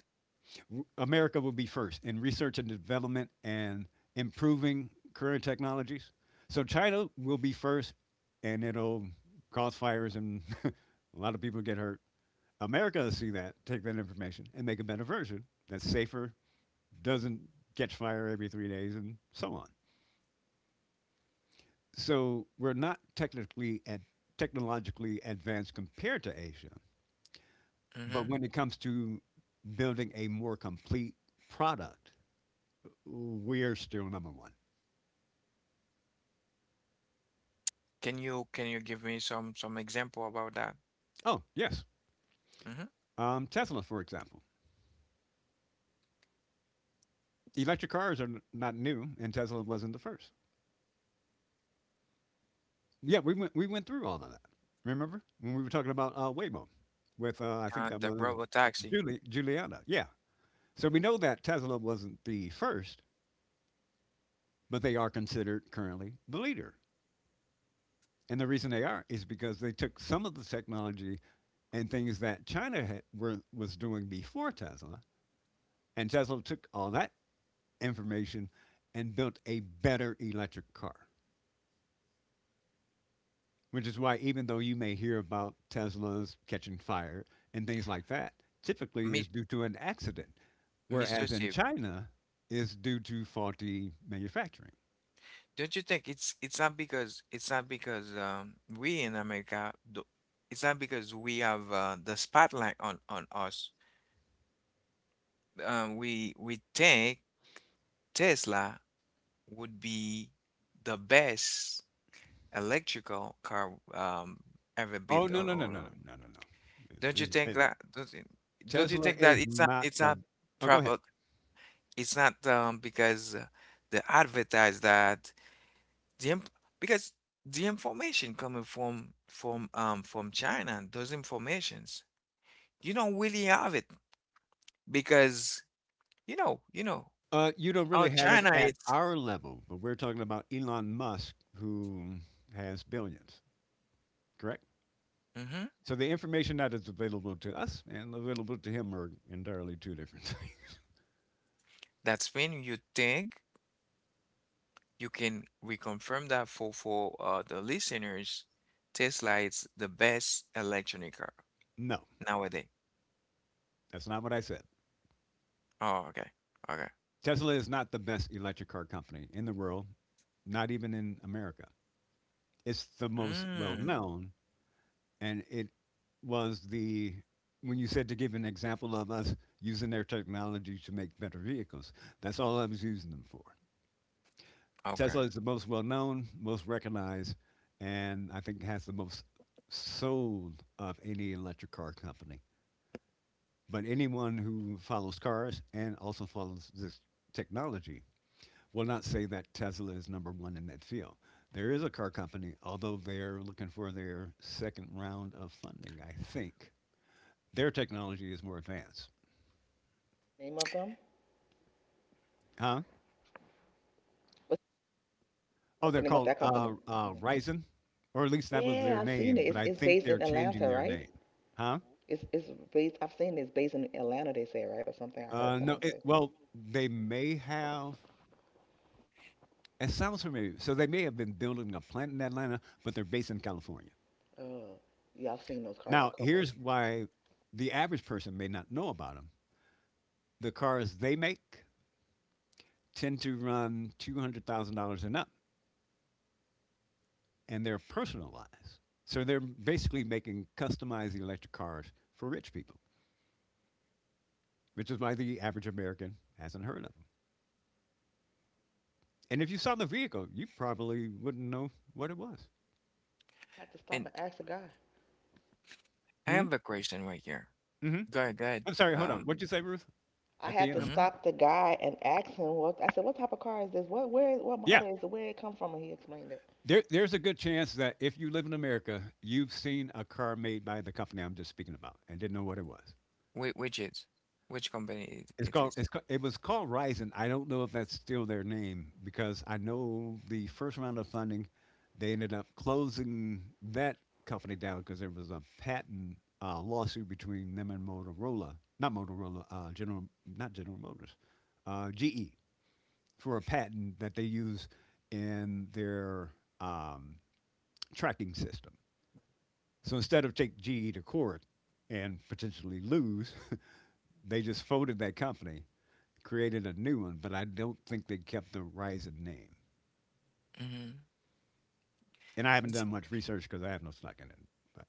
America will be first in research and development and improving current technologies. So China will be first, and it'll cause fires and <laughs> a lot of people get hurt. America will see that, take that information, and make a better version that's safer doesn't catch fire every 3 days, and so on. So we're not technically and technologically advanced compared to Asia, but Mhm. when it comes to building a more complete product, we're still number one. Can you give me some example about that? Oh yes, Mhm. Tesla, for example. Electric cars are not new, and Tesla wasn't the first. Yeah, we went through all of that. Remember when we were talking about Waymo with I think Uh, that the was robotaxi. Julie Juliana. Yeah. So we know that Tesla wasn't the first, but they are considered currently the leader. And the reason they are is because they took some of the technology and things that China had, was doing before Tesla, and Tesla took all that information and built a better electric car. Which is why, even though you may hear about Teslas catching fire and things like that, typically Mi is due to an accident, Mr. whereas in Steve, China is due to faulty manufacturing. don't you think it's not because it's not because, we in America do, it's not because we have, the spotlight on us. We think Tesla would be the best electrical car ever Oh built no on, no no on, no no on. no no no! Don't you think that don't you, don't you Tesla think that is it's not, not the. Oh, go ahead. proper, it's not because they advertise that the inf- because the information coming from from China, those informations you don't really have it, because you know You don't how really have it China at is. our level, but we're talking about Elon Musk, who has billions, correct? hmm So the information that is available to us and available to him are entirely two different <laughs> things. that's when you think. You can reconfirm that for, for the listeners. Tesla is the best electric car No, nowadays. that's not what I said. Oh, okay. Okay. Tesla is not the best electric car company in the world, not even in America. It's the most well Mm, known, and it was the when you said to give an example of us using their technology to make better vehicles. That's all I was using them for. okay. Tesla is the most well known, most recognized, and I think has the most sold of any electric car company. But anyone who follows cars and also follows this technology will not say that Tesla is number one in that field. There is a car company, although they're looking for their second round of funding, I think. Their technology is more advanced, Name of them. huh? What's, Oh, what's the they're name of called that company? Mm-hmm. Ryzen, or at least that was Yeah, their I've seen name. it. But It's I it's think based they're in changing Atlanta, their right? name, huh? It's based. I've seen it's based in Atlanta. They say right or something. I heard No, someone it, say. well, they may have. It sounds familiar. So they may have been building a plant in Atlanta, but they're based in California. Oh, yeah, I've seen those cars. A Now, couple. here's why the average person may not know about them. The cars they make tend to run $200,000 and up, and they're personalized. So they're basically making customized electric cars for rich people, which is why the average American hasn't heard of them. And if you saw the vehicle, you probably wouldn't know what it was. I had to stop And and ask the guy. I Hmm? have a question right here. Hmm. Go ahead, go ahead. I'm sorry, hold on. What'd Um, you say, Ruth? I At the had to end, I'm s- mm-hmm. stop the guy and ask him what I said. What type of car is this? What yeah. model is it? Where it come from? And he explained it. There's a good chance that if you live in America, you've seen a car made by the company I'm just speaking about and didn't know what it was. which which is which company it, it is? It's called, it was called Rising. I don't know if that's still their name because I know the first round of funding, they ended up closing that company down because there was a patent lawsuit between them and Motorola. Not Motorola. General. Not General Motors. GE for a patent that they use in their um, tracking system. So instead of take GE to court and potentially lose, <laughs> they just folded that company created a new one, but I don't think they kept the Ryzen name. Mm-hmm. And I haven't Is, done much research because I have no snuck in it. But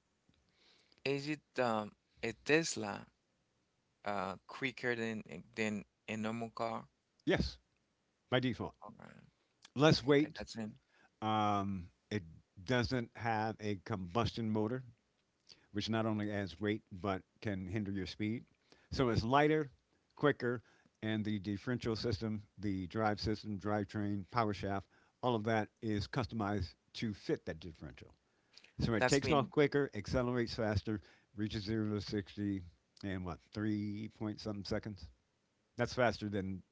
is it a Tesla quicker than a normal car? yes, by default. Okay. Less Okay, weight. It doesn't have a combustion motor, which not only adds weight but can hinder your speed. So it's lighter, quicker, and the differential system, the drive system, drivetrain, power shaft, all of that is customized to fit that differential. So it that's takes off been quicker, accelerates faster, reaches 0 to 60 in what, 3 point something seconds? That's faster than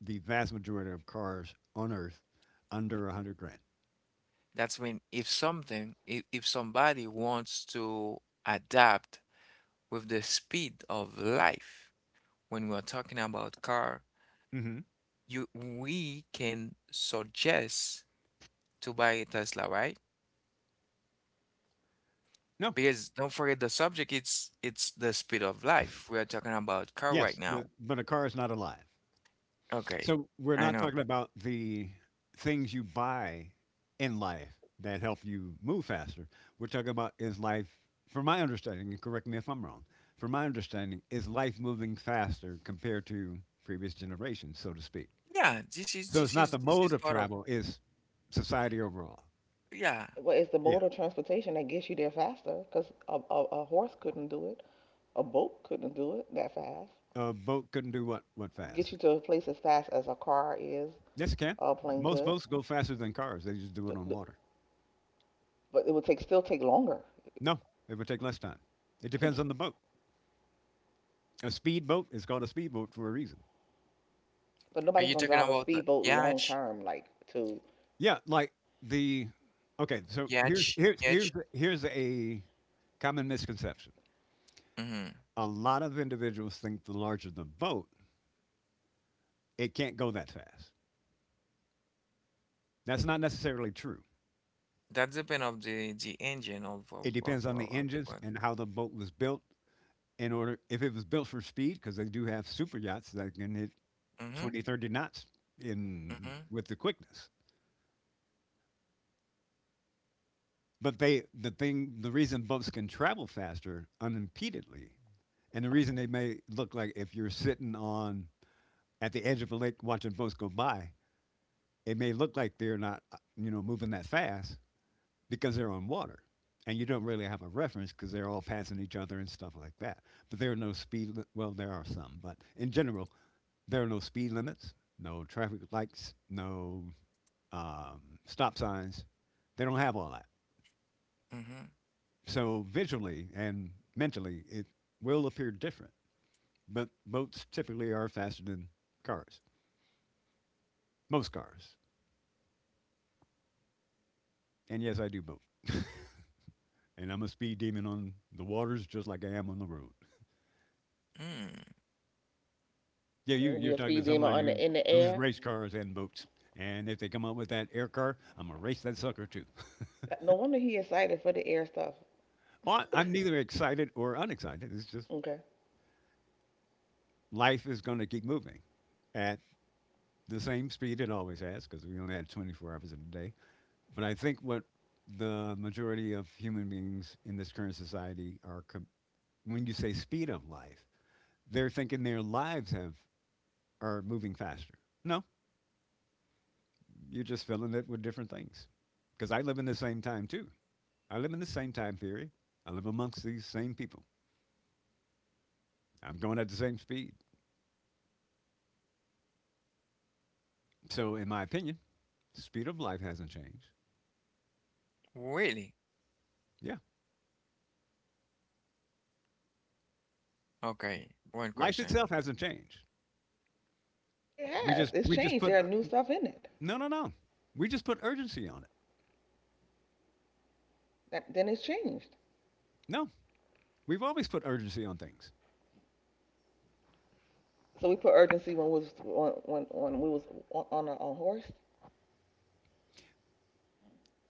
the vast majority of cars on Earth under 100 grand. that's mean if something, if, somebody wants to adapt with the speed of life, when we're talking about car, Hmm. you we can suggest to buy a Tesla, right? No. Because don't forget the subject, it's the speed of life. We are talking about car right Yes, now. But a car is not alive. Okay, So we're I not know. talking about the things you buy in life that help you move faster. We're talking about is life, from my understanding, and correct me if I'm wrong, from my understanding, is life moving faster compared to previous generations, so to speak. Yeah, this is So it's this not is the this is mode of part of, travel, it's society overall. yeah. Well, it's the Yeah. mode of transportation that gets you there faster. Cause a horse couldn't do it. A boat couldn't do it that fast. A boat couldn't do what Get fast. you to a place as fast as a car is. Yes, it can. A plane Most could. boats go faster than cars. They just do it The, on the, water. but it would take, still take longer No, it would take less time. It to, depends on the boat. A speedboat is called a speedboat for a reason. but Are nobody's you gonna talking drive a about the speedboat Yach, long-term, like to, Yeah, like the okay. So here's Yach, here's here's Yach? here's a common misconception. A lot of individuals think the larger the boat, it can't go that fast. That's not necessarily true. That depend of the engine of It of of, depends on of the of the engines boat. and how the boat was built. In order, if it was built for speed, because they do have super yachts that can hit Mm-hmm. 20, 30 knots in Mm-hmm. with the quickness. But the reason boats can travel faster unimpededly, and the reason they may look like if you're sitting on at the edge of a lake watching boats go by, it may look like they're not, you know, moving that fast because they're on water. And you don't really have a reference because they're all passing each other and stuff like that. But there are no well, there are some, but in general, there are no speed limits, no traffic lights, no um, stop signs. They don't have all that. Mm-hmm. So visually and mentally, it will appear different. But boats typically are faster than cars, most cars. And yes, I do boat. <laughs> And I'm a speed demon on the waters just like I am on the road. Mm. Yeah, you, it'll be you're a talking to speed demon someone on who in the who's air. race cars and boats. And if they come up with that air car, I'm gonna race that sucker too. No wonder he excited for the air stuff. Well, I'm neither excited or unexcited. It's just Okay. life is gonna keep moving at the same speed it always has because we only had 24 hours in a day. But I think what the majority of human beings in this current society when you say speed of life, they're thinking their lives have are moving faster. No, you're just filling it with different things. Because I live in the same time too. I live in the same time theory. I live amongst these same people. I'm going at the same speed. So, in my opinion, the speed of life hasn't changed. Really? Yeah, Okay. One life itself question. hasn't changed. It We has, just it's we just changed. put There are new stuff in it. no, no, no. We just put urgency on it. That, then it's changed. No, we've always put urgency on things. So we put urgency when we was, when we was on a, on horse,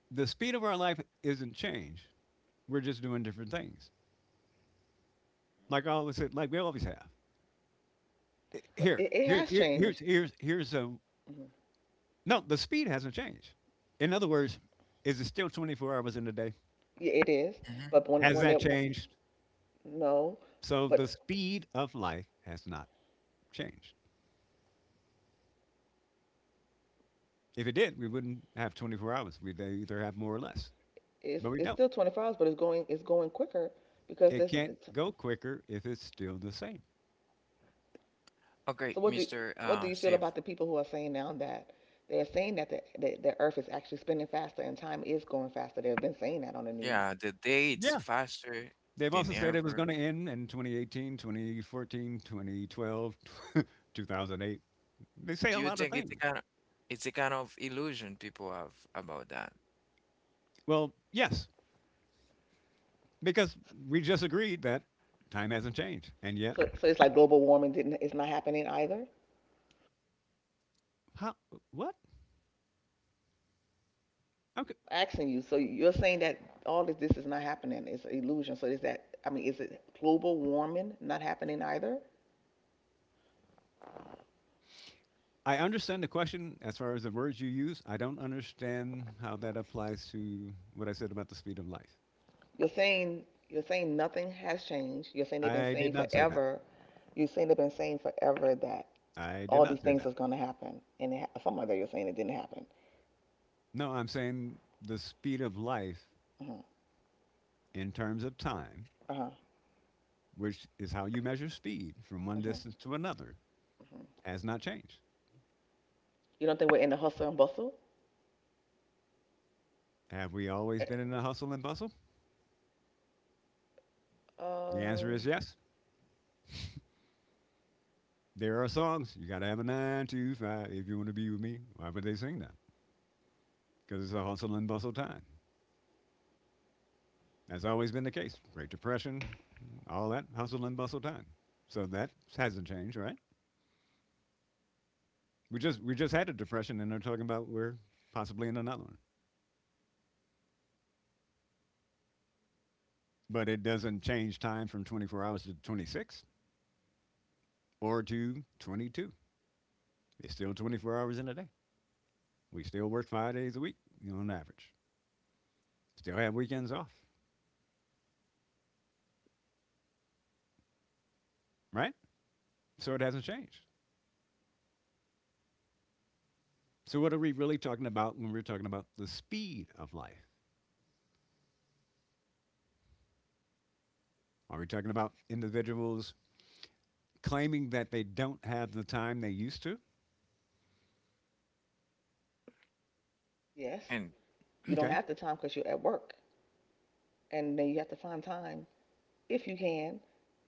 The speed of our life isn't changed. We're just doing different things, like I always said, like we always have. but Here, it here, has here changed. here's here's here's a Mhm. No, the speed hasn't changed. In other words, is it still 24 hours in a day? Yeah, it is. Mm-hmm. But when, Has when there, that changed? no, So the but speed of life has not changed. If it did, we wouldn't have 24 hours. We'd either have more or less, it's, but we it's don't. still 24 hours, but it's going quicker because It there's, can't go quicker if it's still the same. Okay, so what do Mr. what do Uh, you feel Steve. about the people who are saying now that they're saying that the Earth is actually spinning faster and time is going faster? They've been saying that on the news. Yeah, the dates Yeah. faster They've than also said it was ever. going to end in 2018, 2014, 2012, <laughs> 2008. They say Do a you lot of think it's things. A kind of illusion people have about that? Well, yes, because we just agreed that time hasn't changed. And yet, So it's like global warming didn't is not happening either. how, what? Okay. Asking you, so you're saying that all of this is not happening? It's an illusion. So is that, I mean, is it global warming not happening either? I understand the question as far as the words you use. I don't understand how that applies to what I said about the speed of light. You're saying nothing has changed. You're saying they've been I saying did not say that. forever. You're saying they've been saying forever that I did all these not say things that. is going to happen, and it, ha- some other you're saying it didn't happen. No, I'm saying the speed of life Uh huh. in terms of time, Uh huh. Uh-huh. which is how you measure speed from one Mm-hmm. distance to another, Mhm. has not changed. You don't think we're in the hustle and bustle? Have we always been Eh, in a hustle and bustle? The Uh, answer is yes. There are songs. You got to have a nine to five if you want to be with me. Why would they sing that? Because it's a hustle and bustle time. That's always been the case. Great Depression, all that hustle and bustle time. So that hasn't changed, right? We just had a depression, and they're talking about we're possibly in another one. But it doesn't change time from 24 hours to 26 or to 22. It's still 24 hours in a day. We still work 5 days a week, you know, on average. Still have weekends off, right? So it hasn't changed. So what are we really talking about when we're talking about the speed of life? Are we talking about individuals claiming that they don't have the time they used to? yes. And You don't Okay. have the time because you're at work, and then you have to find time, if you can,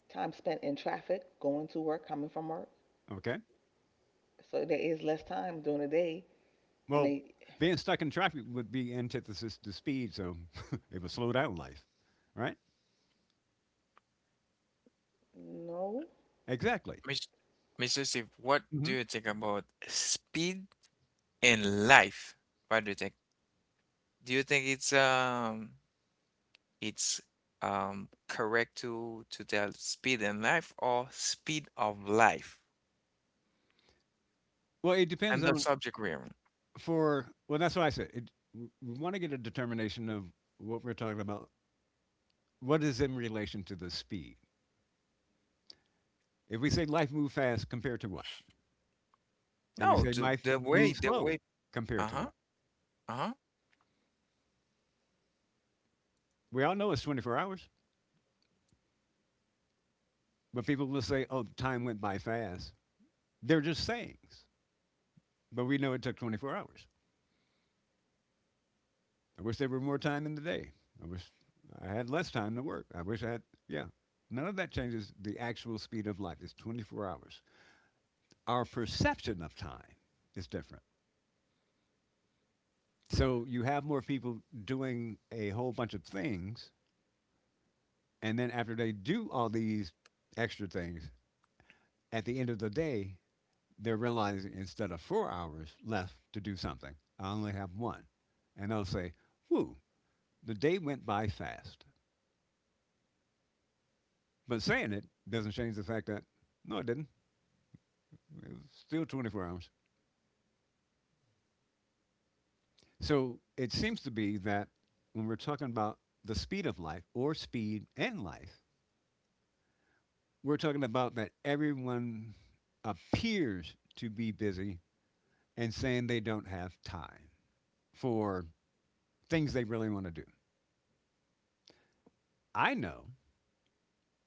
time spent in traffic, going to work, coming from work. Okay. So there is less time during the day, and Well, they being stuck in traffic would be antithesis to speed, so <laughs> it would slow down life, right? no, Exactly. Mr. Mr. Steve, what do Hmm. you think about speed in life? What do you think? Do you think it's correct to tell speed in life or speed of life Well, it depends and the on subject realm. for well, that's what I said. It, we want to get a determination of what we're talking about. What is in relation to the speed? If we say life move fast, compared to what? If we No, say the, life the way move the slow, way compared to uh-huh, what? uh-huh, We all know it's 24 hours, but people will say, "Oh, time went by fast." They're just sayings, but we know it took 24 hours. I wish there were more time in the day. I wish I had less time to work. I wish I had, yeah. None of that changes the actual speed of life. It's 24 hours. Our perception of time is different. So you have more people doing a whole bunch of things. And then after they do all these extra things, at the end of the day, they're realizing instead of 4 hours left to do something, I only have one. And they'll say, whoo, the day went by fast. But saying it doesn't change the fact that, no, it didn't. It was still 24 hours. So it seems to be that when we're talking about the speed of life or speed and life, we're talking about that everyone appears to be busy and saying they don't have time for things they really want to do. I know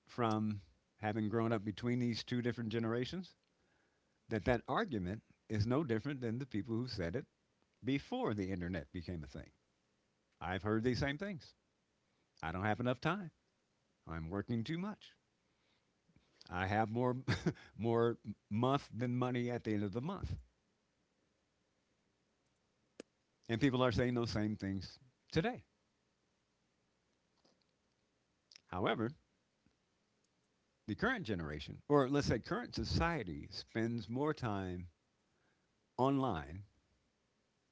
from having grown up between these two different generations that that argument is no different than the people who said it before the internet became a thing. I've heard these same things. I don't have enough time. I'm working too much. I have more <laughs> more month than money at the end of the month. And people are saying those same things today. However, the current generation, or let's say current society, spends more time online,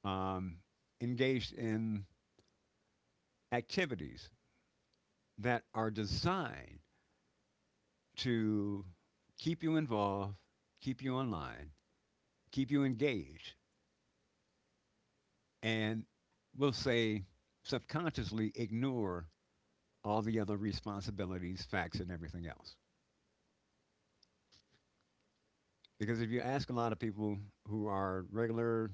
um, engaged in activities that are designed to keep you involved, keep you online, keep you engaged, and we'll say subconsciously ignore all the other responsibilities, facts, and everything else. Because if you ask a lot of people who are regular,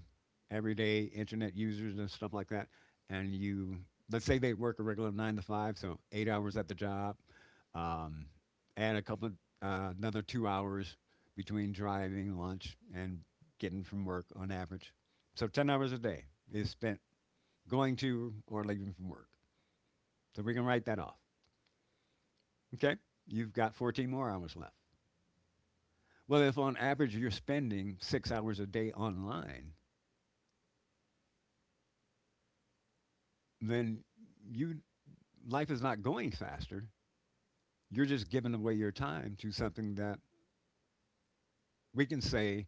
everyday internet users and stuff like that, and you let's say they work a regular nine to five, so 8 hours at the job, um, add a couple of another 2 hours between driving, lunch, and getting from work on average. So 10 hours a day is spent going to or leaving from work. So we can write that off. Okay? You've got 14 more hours left. Well, if on average you're spending 6 hours a day online, then you life is not going faster. You're just giving away your time to something that we can say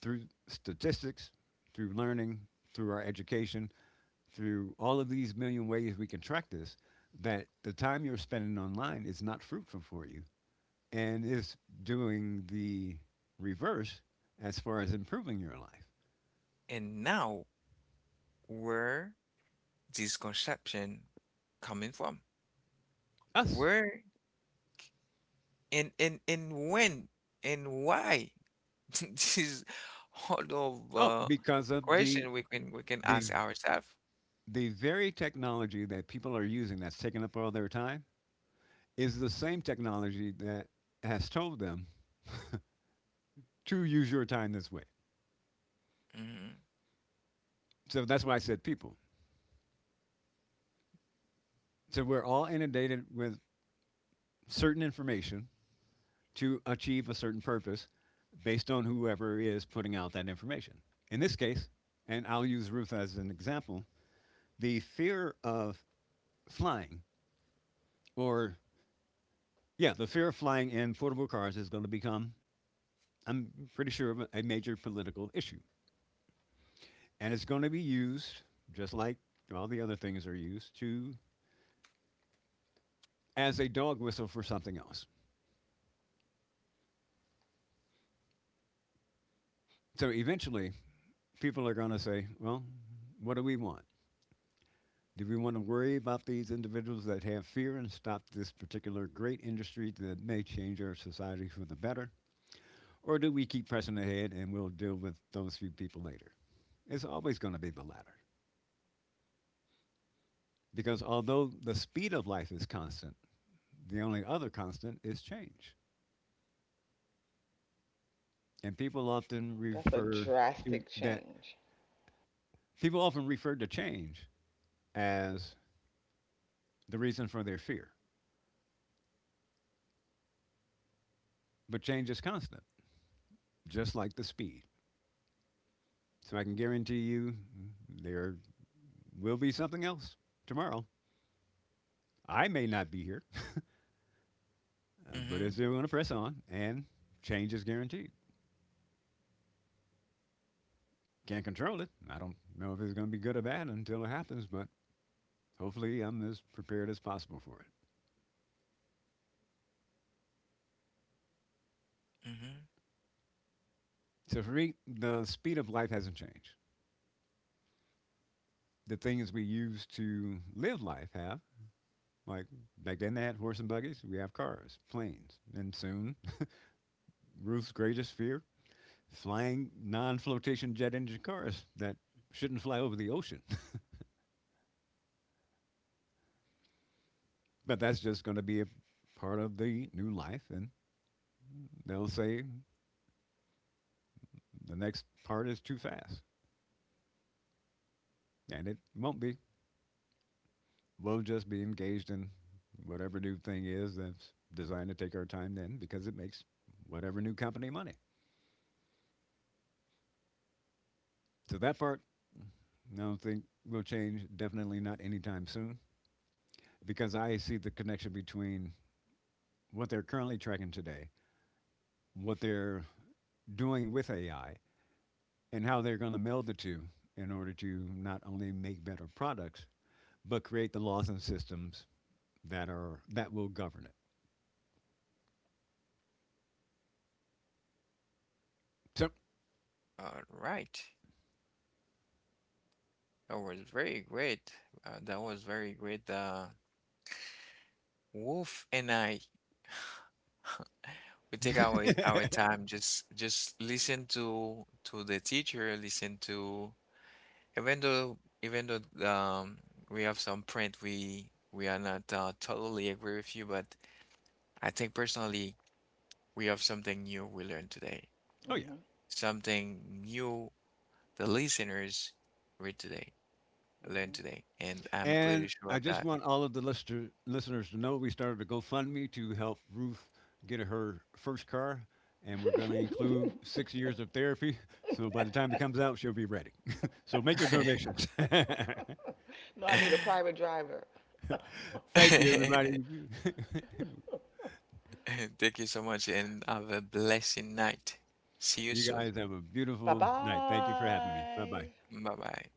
through statistics, through learning, through our education, through all of these million ways we can track this, that the time you're spending online is not fruitful for you and is doing the reverse as far as improving your life. and now, where this conception coming from? Us. Where, and when, and why? <laughs> This is all of, Oh, because of question we can the ask ourselves. the very technology that people are using that's taking up all their time is the same technology that has told them to use your time this way. Mm-hmm. So that's why I said people. So we're all inundated with certain information to achieve a certain purpose based on whoever is putting out that information. In this case, and I'll use Ruth as an example, the fear of flying or in portable cars is going to become, I'm pretty sure, of a major political issue. And it's going to be used, just like all the other things are used, to as a dog whistle for something else. So eventually, people are going to say, well, what do we want? Do we want to worry about these individuals that have fear and stop this particular great industry that may change our society for the better? Or do we keep pressing ahead and we'll deal with those few people later? It's always going to be the latter. Because although the speed of life is constant, the only other constant is change. And people often that's a refer to drastic that change. people often refer to change as the reason for their fear, but change is constant, just like the speed. So I can guarantee you there will be something else tomorrow. I may not be here, <laughs> but it's Mm-hmm. still going to press on, and change is guaranteed. Can't control it. I don't know if it's going to be good or bad until it happens, but hopefully I'm as prepared as possible for it. Mm-hmm. So for me, the speed of life hasn't changed. The things we use to live life have. Like back then, they had horse and buggies. We have cars, planes, and soon Ruth's greatest fear: flying non-flotation jet engine cars that shouldn't fly over the ocean. <laughs> But that's just going to be a part of the new life, and they'll say the next part is too fast, and it won't be. We'll just be engaged in whatever new thing is that's designed to take our time then, because it makes whatever new company money. So that part, I don't think will change. Definitely not anytime soon. Because I see the connection between what they're currently tracking today, what they're doing with AI, and how they're going to meld the two in order to not only make better products but create the laws and systems that will govern it. So, All right. That was very great. That was very great. Wolf and I, we take our time, just listen to the teacher, listen to even though we have some print, we are not totally agree with you, but I think personally we have something new we learned today, <laughs> oh Mhm. yeah, something new the listeners read today, learn Mhm. today, and I'm pretty and sure I of just that. want all of the listeners to know we started a GoFundMe to help Ruth get her first car, and we're going to include 6 years of therapy. So by the time it comes out, she'll be ready. <laughs> So make your donations. <laughs> No, I need a private driver. Thank you, everybody. <laughs> <laughs> <laughs> Thank you so much and have a blessing night. See you You soon. guys have a Bye beautiful night. Thank you for having me. Bye bye. bye. Bye bye.